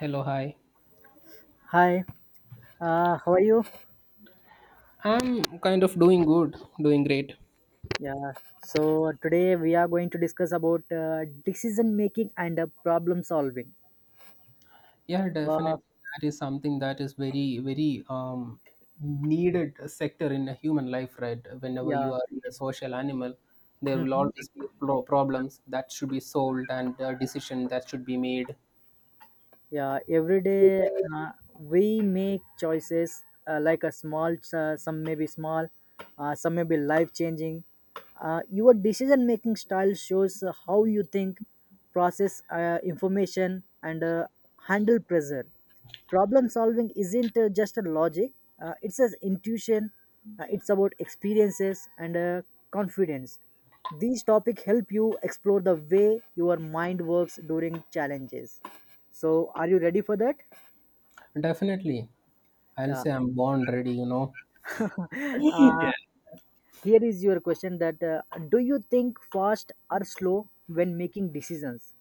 Hello, hi. Hi, how are you? I'm kind of doing good, doing great. Yeah, so today we are going to discuss about decision making and problem solving. Yeah, Uh, definitely. That is something that is very, very, needed sector in a human life, right? Whenever yeah, you are a social animal, there will Mhm. always be problems that should be solved and a decision that should be made. Yeah, every day we make choices like a some may be small, some may be life changing. Your decision making style shows how you think, process information, and handle pressure. Problem solving isn't just a logic, it's an intuition, it's about experiences and confidence. These topics help you explore the way your mind works during challenges. So are you ready for that? Definitely. I'll Yeah. say I'm born ready, you know. uh, Yeah, Here is your question that do you think fast or slow when making decisions?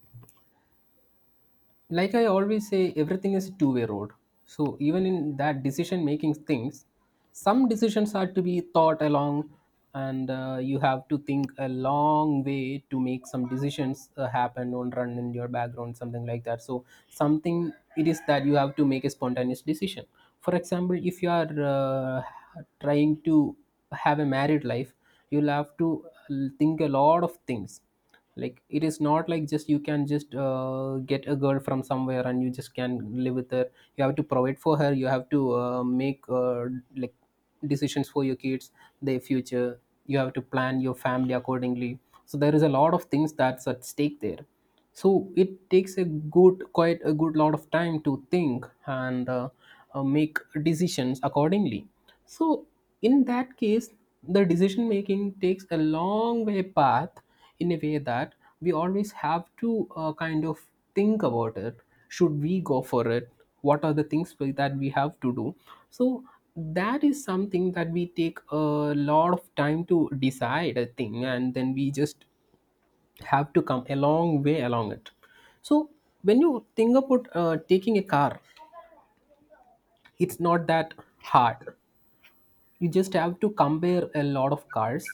like I always say, everything is a two-way road, so even in that decision making things, some decisions are to be thought along, and you have to think a long way to make some decisions happen on run in your background, something like that. So something it is that you have to make a spontaneous decision. For example, if you are trying to have a married life, you'll have to think a lot of things. Like, it is not like just you can just get a girl from somewhere and you just can live with her. You have to provide for her, you have to make like decisions for your kids, their future. You have to plan your family accordingly, so there is a lot of things that's at stake there. So it takes a good quite a good lot of time to think and make decisions accordingly. So, in that case, the decision making takes a long way path, in a way that we always have to kind of think about it. Should we go for it? What are the things that we have to do? So, that is something that we take a lot of time to decide a thing, and then we just have to come a long way along it. So, when you think about taking a car, it's not that hard. You just have to compare a lot of cars,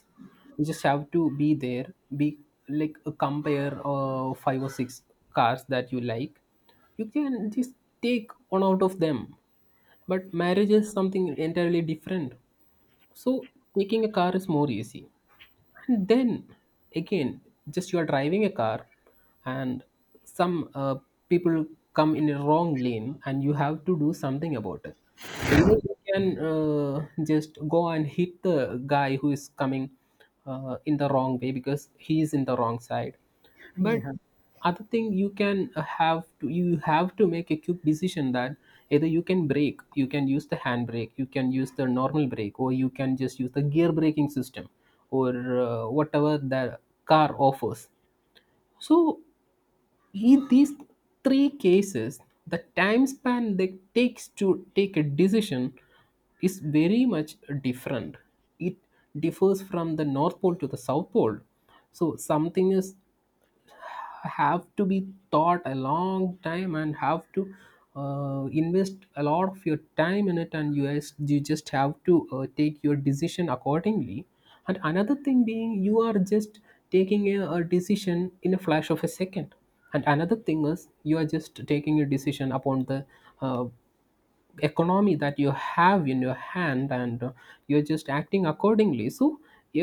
you just have to be there, be like compare five or six cars that you like. You can just take one out of them, but marriage is something entirely different. So taking a car is more easy. And then again, just you are driving a car, and some people come in a wrong lane, and you have to do something about it. Either you can just go and hit the guy who is coming in the wrong way because he is in the wrong side, but Yeah. other thing you can have to you have to make a quick decision that either you can brake, you can use the hand brake, you can use the normal brake, or you can just use the gear braking system, or whatever the car offers. So in these three cases, the time span that takes to take a decision is very much different. It differs from the North Pole to the South Pole. So something is have to be thought a long time and have to invest a lot of your time in it, and you just have to take your decision accordingly, and another thing being you are just taking a decision in a flash of a second, and another thing is you are just taking a decision upon the uh, economy that you have in your hand, and you're just acting accordingly. So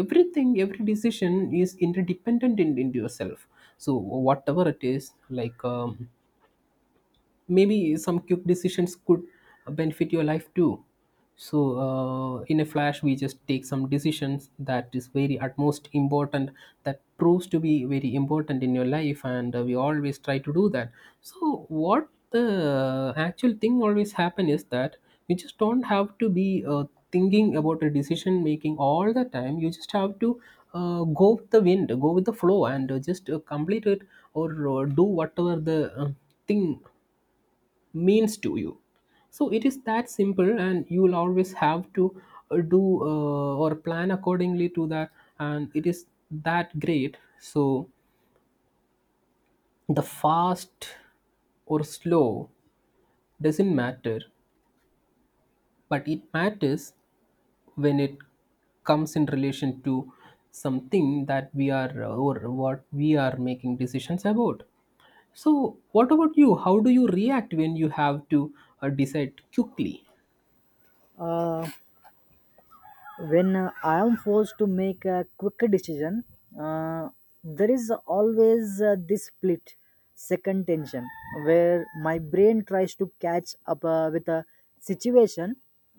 everything, every decision is interdependent in yourself. So whatever it is, like maybe some quick decisions could benefit your life too. So in a flash we just take some decisions that is very utmost important, that proves to be very important in your life, and we always try to do that. So what the actual thing always happen is that you just don't have to be thinking about a decision making all the time. You just have to go with the wind, go with the flow, and just complete it, or do whatever the thing means to you. So it is that simple, and you will always have to do or plan accordingly to that, and it is that great. So the fast or slow doesn't matter, but it matters when it comes in relation to something that we are or what we are making decisions about. So what about you, how do you react when you have to decide quickly? uh, when I am forced to make a quicker decision, uh, there is always this split second tension where my brain tries to catch up with a situation.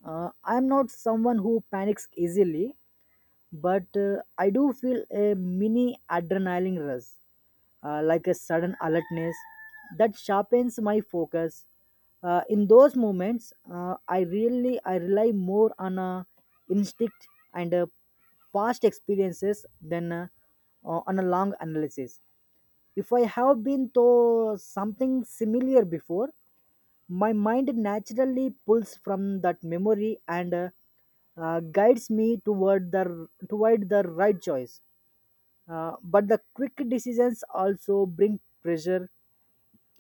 I am not someone who panics easily, but I do feel a mini adrenaline rush, like a sudden alertness that sharpens my focus. In those moments, I rely more on instinct and past experiences than on a long analysis. If I have been to something similar before, my mind naturally pulls from that memory and guides me toward the right choice. But the quick decisions also bring pressure.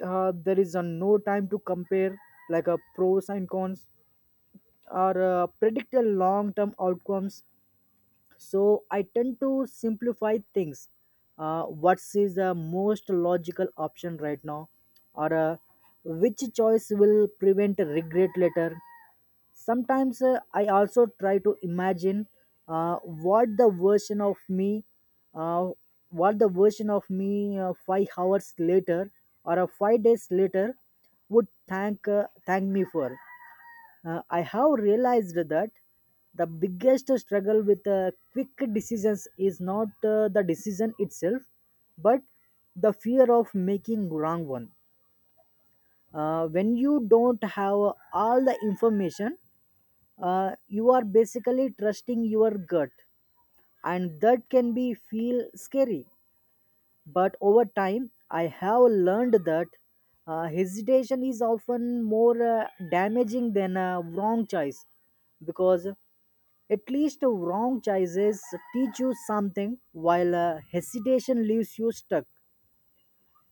There is no time to compare like a pros and cons or predict the long term outcomes. So I tend to simplify things. What is the most logical option right now, or which choice will prevent regret later? Sometimes I also try to imagine uh, what the version of me, uh, what the version of me 5 hours later or 5 days later would thank me for. I have realized that the biggest struggle with quick decisions is not the decision itself, but the fear of making wrong one. When you don't have all the information, you are basically trusting your gut, and that can be feel scary. But over time I have learned that hesitation is often more damaging than a wrong choice, because at least wrong choices teach you something, while hesitation leaves you stuck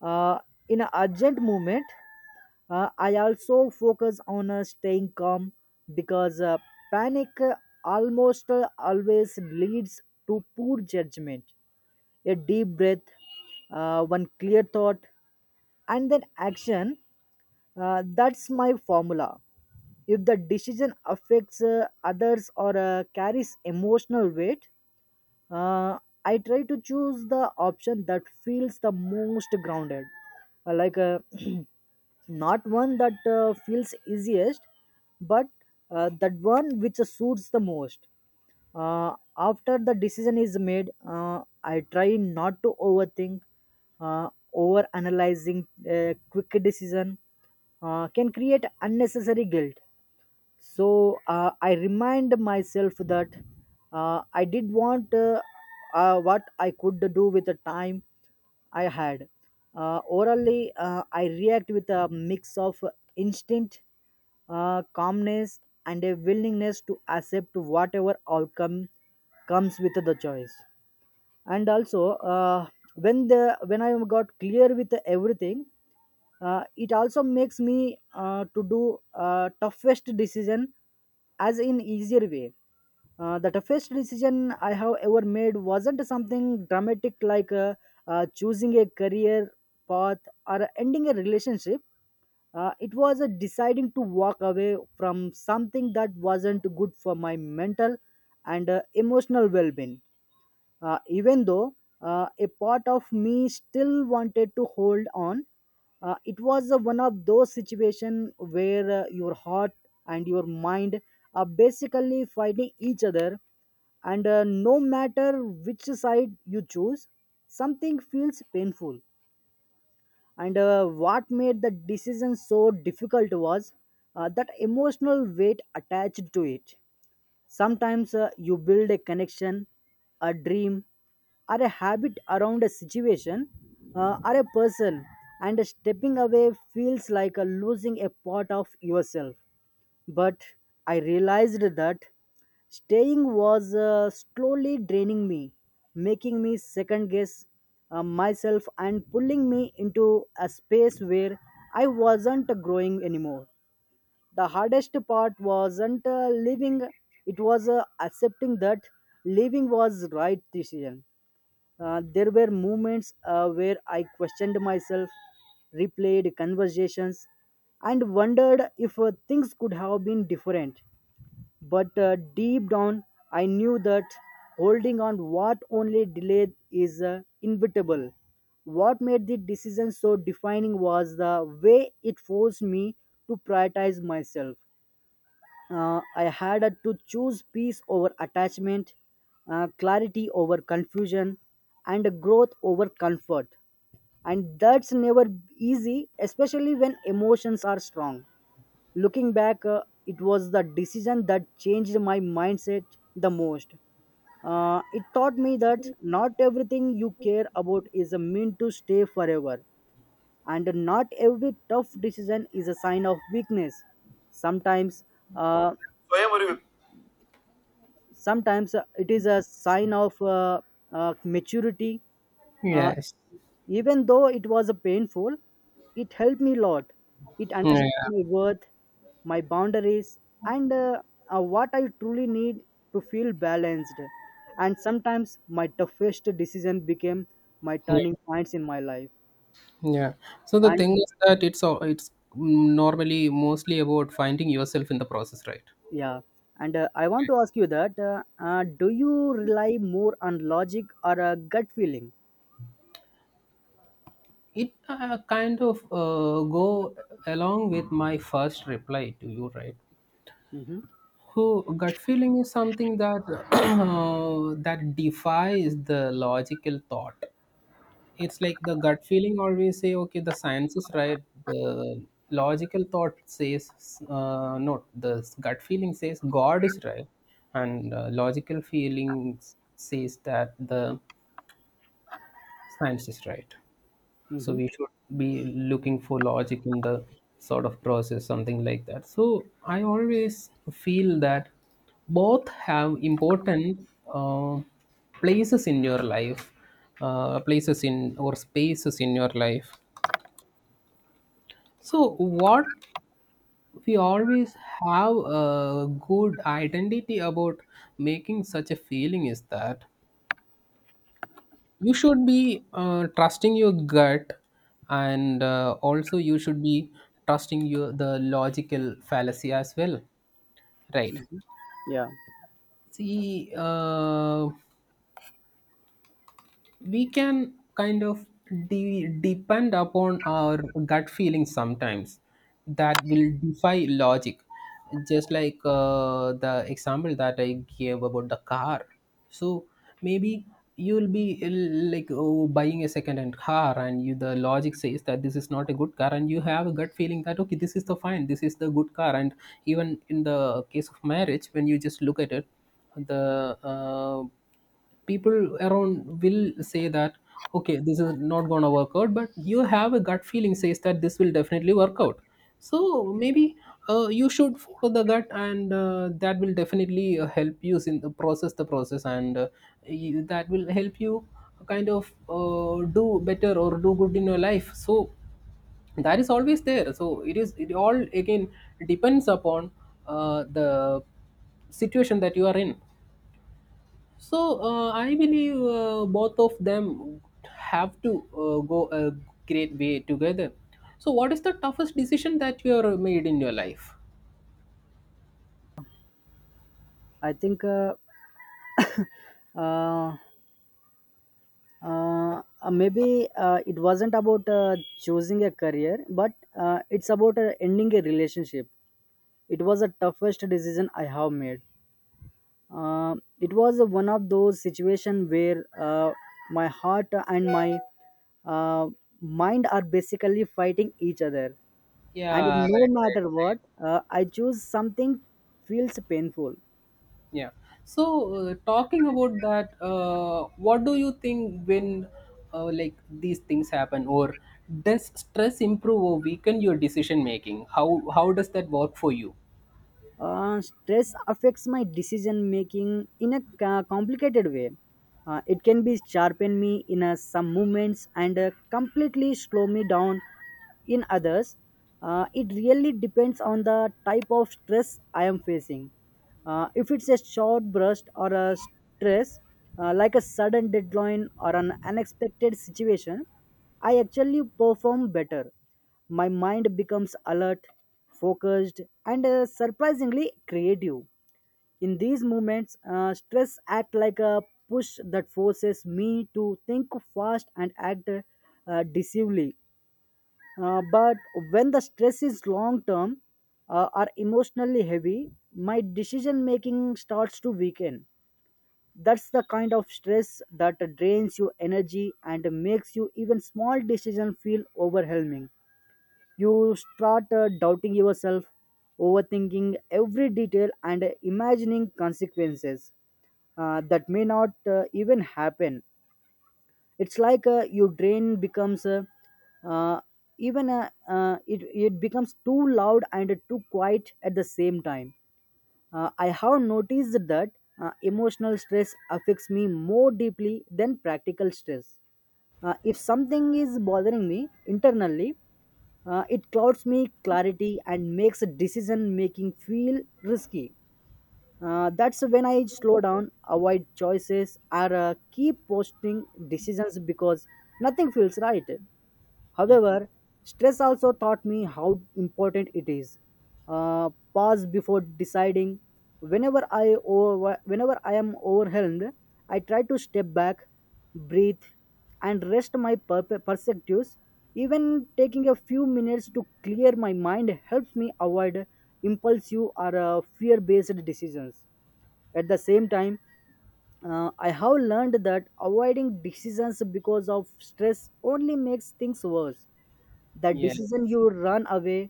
uh, in an urgent moment. I also focus on staying calm, because panic almost always leads to poor judgment. A deep breath, one clear thought, and then action. That's my formula. If the decision affects others or carries emotional weight, uh, I try to choose the option that feels the most grounded. Uh, like uh, not one that feels easiest, but that one which suits the most. After the decision is made, I try not to overthink. Over analyzing quick decision can create unnecessary guilt. So I remind myself that I did want what I could do with the time I had. Orally I react with a mix of instinct, calmness, and a willingness to accept whatever outcome comes with the choice. And also, when the when I got clear with everything, it also makes me to do toughest decision as in easier way. The toughest decision I have ever made wasn't something dramatic like choosing a career path or ending a relationship. It was a deciding to walk away from something that wasn't good for my mental and emotional well-being. Even though a part of me still wanted to hold on, it was one of those situations where your heart and your mind are basically fighting each other, and no matter which side you choose, something feels painful. And what made the decision so difficult was that emotional weight attached to it. Sometimes you build a connection, a dream, or a habit around a situation or a person, and stepping away feels like a losing a part of yourself. But I realized that staying was slowly draining me, making me second guess myself, and pulling me into a space where I wasn't growing anymore. The hardest part wasn't leaving, it was accepting that leaving was right decision. There were moments where I questioned myself, replayed conversations, and wondered if things could have been different. But deep down I knew that holding on what only delayed is inevitable. What made the decision so defining was the way it forced me to prioritize myself. I had to choose peace over attachment, clarity over confusion, and growth over comfort. And that's never easy, especially when emotions are strong. Looking back, it was the decision that changed my mindset the most. It taught me that not everything you care about is meant to stay forever, and not every tough decision is a sign of weakness. Sometimes uh, sometimes it is a sign of maturity. uh, Yes. Even though it was a painful, it helped me a lot. It Yeah, understood my worth, my boundaries, and what I truly need to feel balanced. And sometimes my toughest decision became my yeah, turning points in my life. yeah. So the And thing is that it's all, it's normally mostly about finding yourself in the process, right? yeah, and I want to ask you that: do you rely more on logic or a gut feeling? It kind of go along with my first reply to you, right? Mm-hmm. So gut feeling is something that that defies the logical thought. It's like the gut feeling always say, okay, the science is right, the logical thought says no, the gut feeling says god is right, and logical feeling says that the science is right. So Mm-hmm. we should be looking for logic in the sort of process, something like that. So I always feel that both have important uh, places in your life, places in or spaces in your life. So, what we always have a good identity about making such a feeling is that you should be trusting your gut, and also you should be trusting your the logical fallacy as well, right? Yeah. See, we can kind of depend upon our gut feeling sometimes that will defy logic, just like the example that I gave about the car. So maybe you'll be like, oh, buying a second hand car, and you, the logic says that this is not a good car, and you have a gut feeling that okay, this is the fine, this is the good car. And even in the case of marriage, when you just look at it, the people around will say that okay, this is not going to work out, but you have a gut feeling says that this will definitely work out. So maybe you should follow the gut, and that will definitely help you in the process, and you, that will help you kind of do better or do good in your life. So that is always there. So it is, it all again depends upon the situation that you are in. So I believe both of them have to go a great way together. So what is the toughest decision that you have made in your life? I think uh, maybe it wasn't about choosing a career, but it's about ending a relationship. It was the toughest decision I have made. It was one of those situations where my heart and my uh, mind are basically fighting each other, and Yeah, no right, matter right. what, I choose something feels painful. Yeah. So talking about that, what do you think when like these things happen, or does stress improve or weaken your decision making? How does that work for you? Stress affects my decision making in a complicated way. It can be sharpen me in some moments and completely slow me down in others. It really depends on the type of stress I am facing. If it's a short burst or a stress, like a sudden deadline or an unexpected situation, I actually perform better. My mind becomes alert, focused, and surprisingly creative. In these moments, stress acts like a push that forces me to think fast and act decisively. But when the stress is long term or emotionally heavy, my decision making starts to weaken. That's the kind of stress that drains your energy and makes you even small decision feel overwhelming. You start doubting yourself, overthinking every detail, and imagining consequences that may not even happen. It's like your drain becomes uh, even it becomes too loud and too quiet at the same time. I have noticed that emotional stress affects me more deeply than practical stress. If something is bothering me internally, it clouds me clarity and makes decision making feel risky. That's when I slow down, avoid choices, or keep posting decisions because nothing feels right. However, stress also taught me how important it is. Pause before deciding. Whenever I am overwhelmed, I try to step back, breathe, and rest my perspectives. Even taking a few minutes to clear my mind helps me avoid impulsive or fear-based decisions. At the same time, I have learned that avoiding decisions because of stress only makes things worse. The Yeah. decision you run away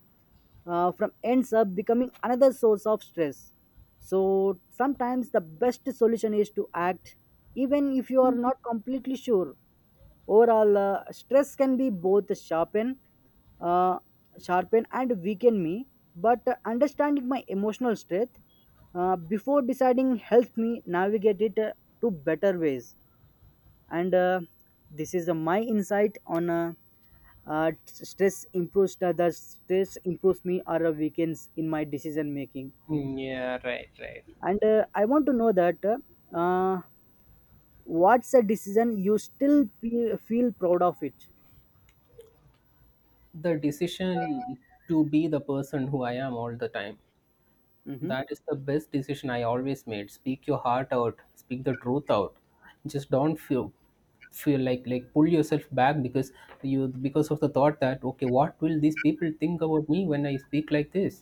from ends up becoming another source of stress. So sometimes the best solution is to act, even if you are not completely sure. Overall, stress can be both uh, sharpen and weaken me. But understanding my emotional strength before deciding helps me navigate it to better ways. And this is my insight on t- stress improves the stress improves me or weakens in my decision making. Mm, yeah. Right. Right. And I want to know that uh, what's a decision you still feel proud of it? The decision to be the person who I am all the time. Mm-hmm. That is the best decision I always made. Speak your heart out, speak the truth out. Just don't feel feel like pull yourself back because you because of the thought that okay, what will these people think about me when I speak like this,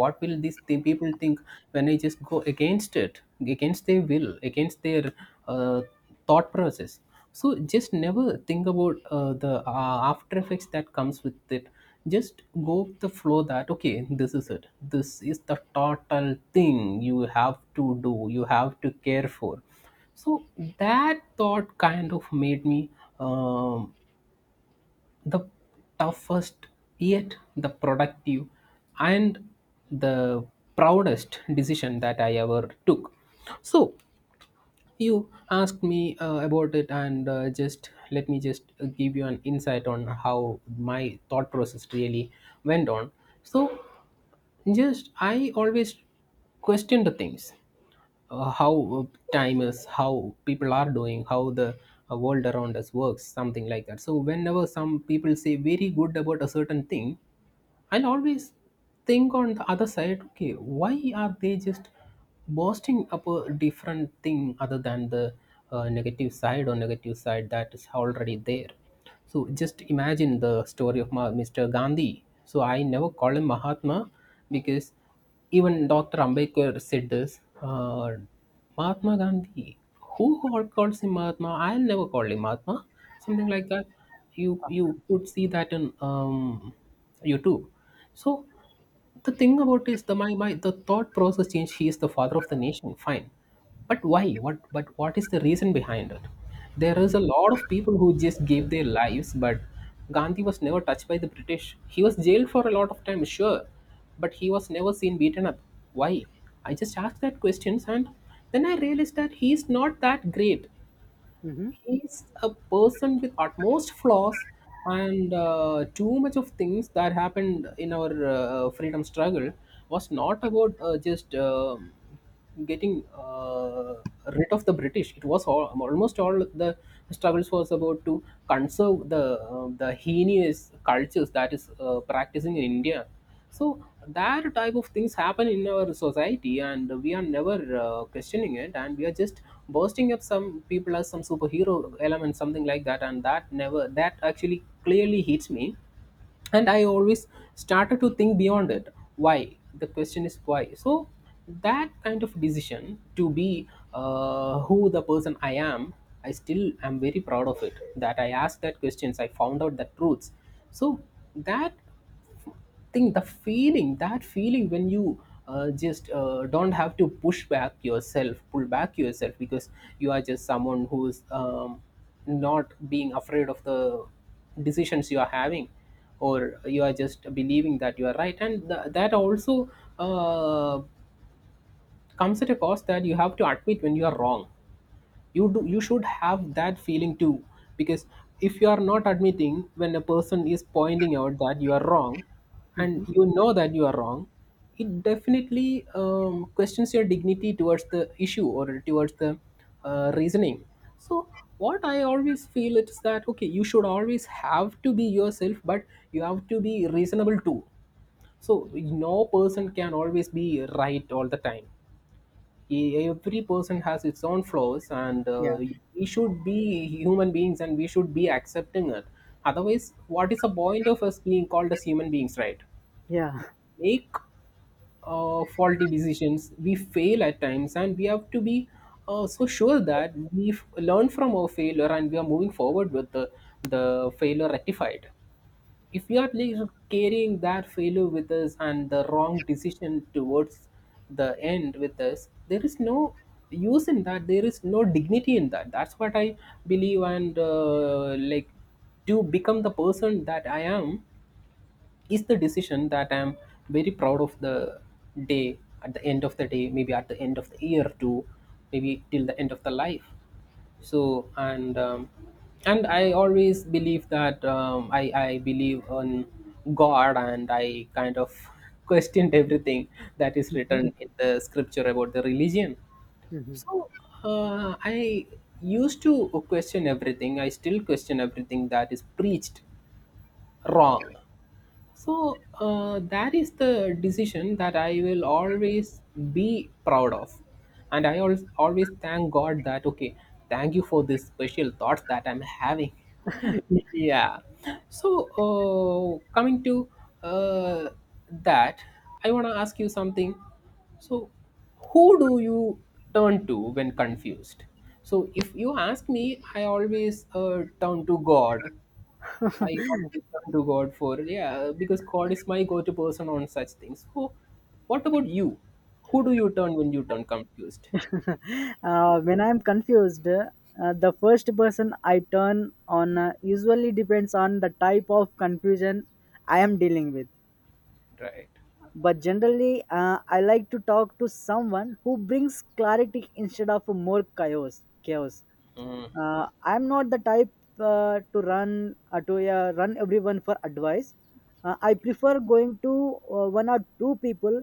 what will these people think when I just go against it, against their will, against their uh, thought process. So just never think about the after effects that comes with it. Just go with the flow that okay, this is it, this is the total thing you have to do, you have to care for. So that thought kind of made me um, the toughest yet the productive and the proudest decision that I ever took. So you asked me about it, and just let me just give you an insight on how my thought process really went on. So, just I always question the things, how time is, how people are doing, how the world around us works, something like that. So, whenever some people say very good about a certain thing, I'll always think on the other side, okay, why are they just boasting up a different thing other than the negative side or negative side that is already there? So just imagine the story of Mr. Gandhi. So I never call him Mahatma because even Dr. Ambedkar said this. Mahatma Gandhi. Calls him Mahatma? I'll never call him Mahatma. Something like that. You could see that in YouTube. So the thing about is the my, my the thought process change, he is the father of the nation, fine, but why, what is the reason behind it? There is a lot of people who just gave their lives, but Gandhi was never touched by the British. He was jailed for a lot of time, sure, but he was never seen beaten up. Why? I just asked that questions, and then I realized that he is not that great. Mm-hmm. He's a person with utmost flaws. And too much of things that happened in our freedom struggle was not about just getting uh, rid of the British. It was all, almost all the struggles was about to conserve the the heinous cultures that is practicing in India. So that type of things happen in our society, and we are never questioning it, and we are just bursting up some people as some superhero element, something like that, and that never that actually clearly hits me. And I always started to think beyond it. Why? The question is why. So that kind of decision to be, who the person I am, I still am very proud of it, that I asked that questions, I found out the truths. So that think the feeling, that feeling when you just don't have to push back yourself, pull back yourself, because you are just someone who's not being afraid of the decisions you are having, or you are just believing that you are right. And that also uh, comes at a cost, that you have to admit when you are wrong. You do you should have that feeling too, because if you are not admitting when a person is pointing out that you are wrong, Hmm. and you know that you are wrong, it definitely questions your dignity towards the issue or towards the reasoning. So what I always feel is that okay, you should always have to be yourself, but you have to be reasonable too. So no person can always be right all the time. Every person has its own flaws, and Yeah. We should be human beings and we should be accepting it. Otherwise what is the point of us being called as human beings, right? Yeah. Make faulty decisions, we fail at times, and we have to be so sure that we've learned from our failure and we are moving forward with the failure rectified. If we are like carrying that failure with us and the wrong decision towards the end with us, there is no use in that, there is no dignity in that. That's what I believe. And like to become the person that I am is the decision that I am very proud of. The day, at the end of the day, maybe at the end of the year too, maybe till the end of the life. So and I always believe that um, I believe on God, and I kind of questioned everything that is written in the scripture about the religion. Mhm. So I used to question everything, I still question everything that is preached wrong. So that is the decision that I will always be proud of, and I always, always thank God that okay, thank you for this special thoughts that I'm having. Yeah. So coming to uh, that, I want to ask you something. So who do you turn to when confused? So if you ask me, I always turn to God. I always turn to God for, yeah, because God is my go-to person on such things. So, what about you? Who do you turn when you turn confused? When I'm confused, the first person I turn on usually depends on the type of confusion I am dealing with. Right. But generally I like to talk to someone who brings clarity instead of more chaos. I'm not the type to run everyone for advice. I prefer going to one or two people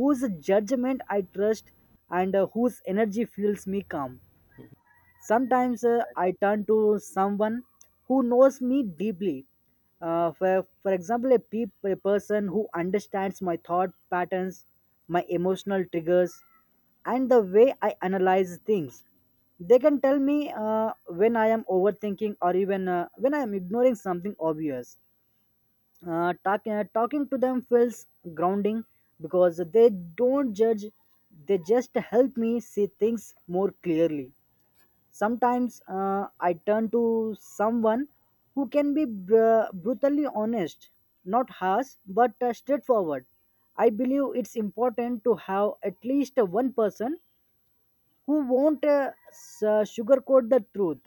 whose judgment I trust and whose energy fuels me calm. Sometimes I turn to someone who knows me deeply. For example, a person who understands my thought patterns, my emotional triggers, and the way I analyze things. They can tell me when I am overthinking, or even when I am ignoring something obvious. Talking to them feels grounding because they don't judge, they just help me see things more clearly. Sometimes I turn to someone who can be brutally honest, not harsh, but straightforward. I believe it's important to have at least one person who won't sugarcoat the truth.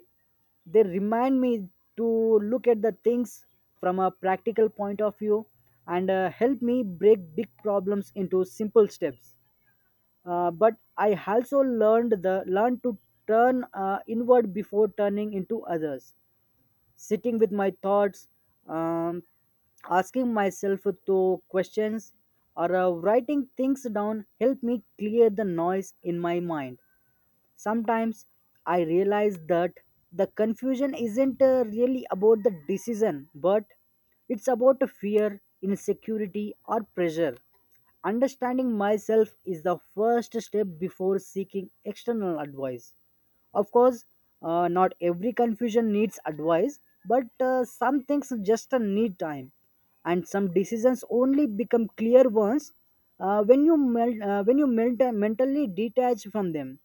They remind me to look at the things from a practical point of view, and help me break big problems into simple steps. But I also learned to turn inward before turning into others. Sitting with my thoughts, um, asking myself to questions, or writing things down help me clear the noise in my mind. Sometimes I realize that the confusion isn't really about the decision, but it's about fear, insecurity, or pressure. Understanding myself is the first step before seeking external advice. Of course, not every confusion needs advice, but some things just need time, and some decisions only become clear once when you mentally detach from them.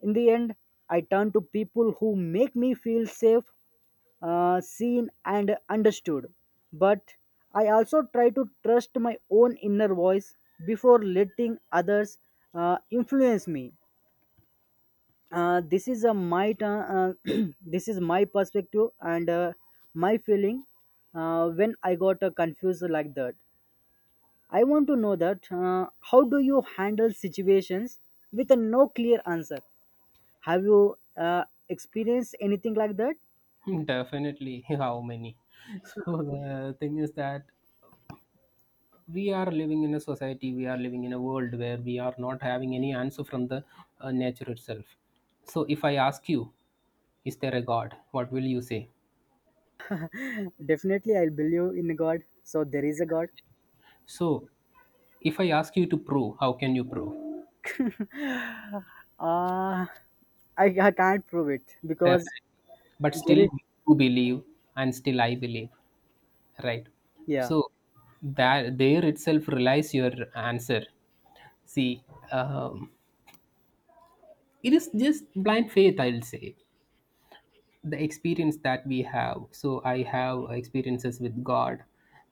In the end, I turn to people who make me feel safe, seen, and understood. But I also try to trust my own inner voice before letting others influence me. This is a my tu- this is my perspective and my feeling when I got confused like that. I want to know that how do you handle situations with a no clear answer? Have you experienced anything like that? Definitely. How many? So the thing is that we are living in a society, we are living in a world where we are not having any answer from the nature itself. So if I ask you, is there a God? What will you say? Definitely, I believe in God. So there is a God. So if I ask you to prove, how can you prove? Uh, I can't prove it because Perfect. But still there is, you believe, and still I believe. Right. yeah. So that there itself relies your answer. See, um, it is just blind faith, I'll say. The experience that we have. So I have experiences with God,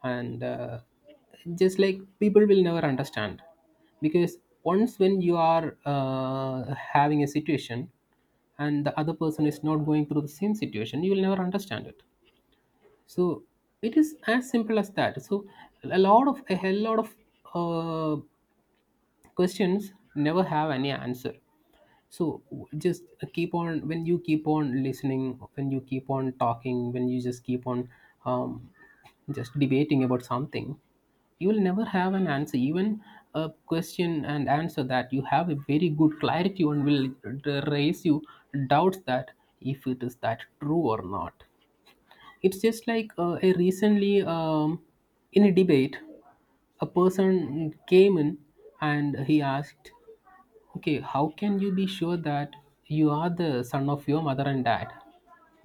and just like people will never understand, because once when you are having a situation, and the other person is not going through the same situation, you will never understand it. So it is as simple as that. So a hell lot of uh, questions never have any answer. So just keep on, when you keep on listening, when you keep on talking, when you just keep on um, just debating about something, you will never have an answer. Even a question and answer that you have a very good clarity on will raise you doubts that if it is that true or not. It's just like, a recently, in a debate, a person came in and he asked, "Okay, how can you be sure that you are the son of your mother and dad?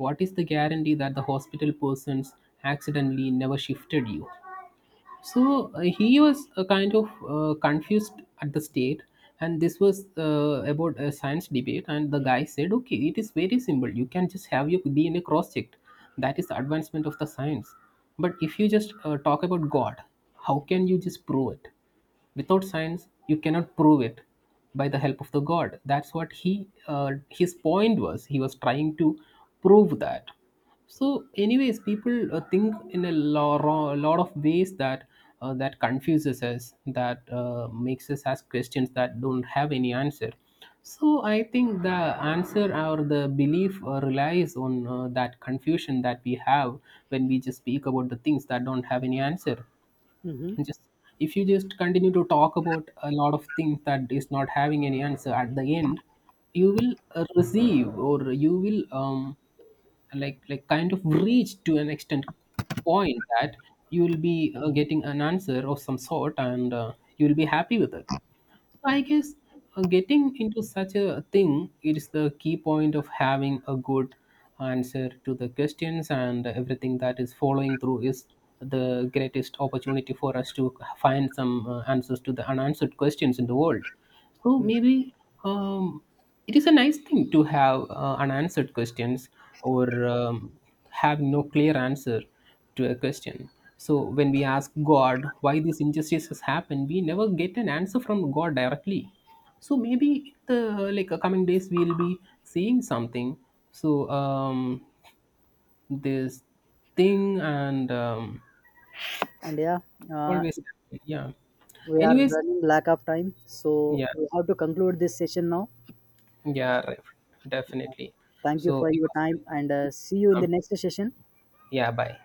What is the guarantee that the hospital persons accidentally never shifted you?" So he was kind of confused at the state, and this was about a science debate. And the guy said, "Okay, it is very simple. You can just have your DNA cross-checked. That is the advancement of the science. But if you just talk about God, how can you just prove it? Without science, you cannot prove it by the help of the God. That's what he, his point was. He was trying to prove that." So, anyways, people think in a lot of ways that that confuses us, that makes us ask questions that don't have any answer. So, I think the answer or the belief relies on that confusion that we have when we just speak about the things that don't have any answer. Hmm. Just if you just continue to talk about a lot of things that is not having any answer, at the end you will receive, or you will like kind of reach to an extent point, that you will be getting an answer of some sort, and you will be happy with it. So I guess getting into such a thing is the key point of having a good answer to the questions, and everything that is following through is the greatest opportunity for us to find some answers to the unanswered questions in the world. So maybe um, it is a nice thing to have unanswered questions, or have no clear answer to a question. So when we ask God why this injustice has happened, we never get an answer from God directly. So maybe the like coming days we'll be seeing something. So this thing and And yeah, uh, always happen. Yeah. we are Anyways, running lack of time. So yeah, we have to conclude this session now. yeah, right, definitely. Thank you So for it your was time, nice talking and to see you in you. the next session. Yeah, bye.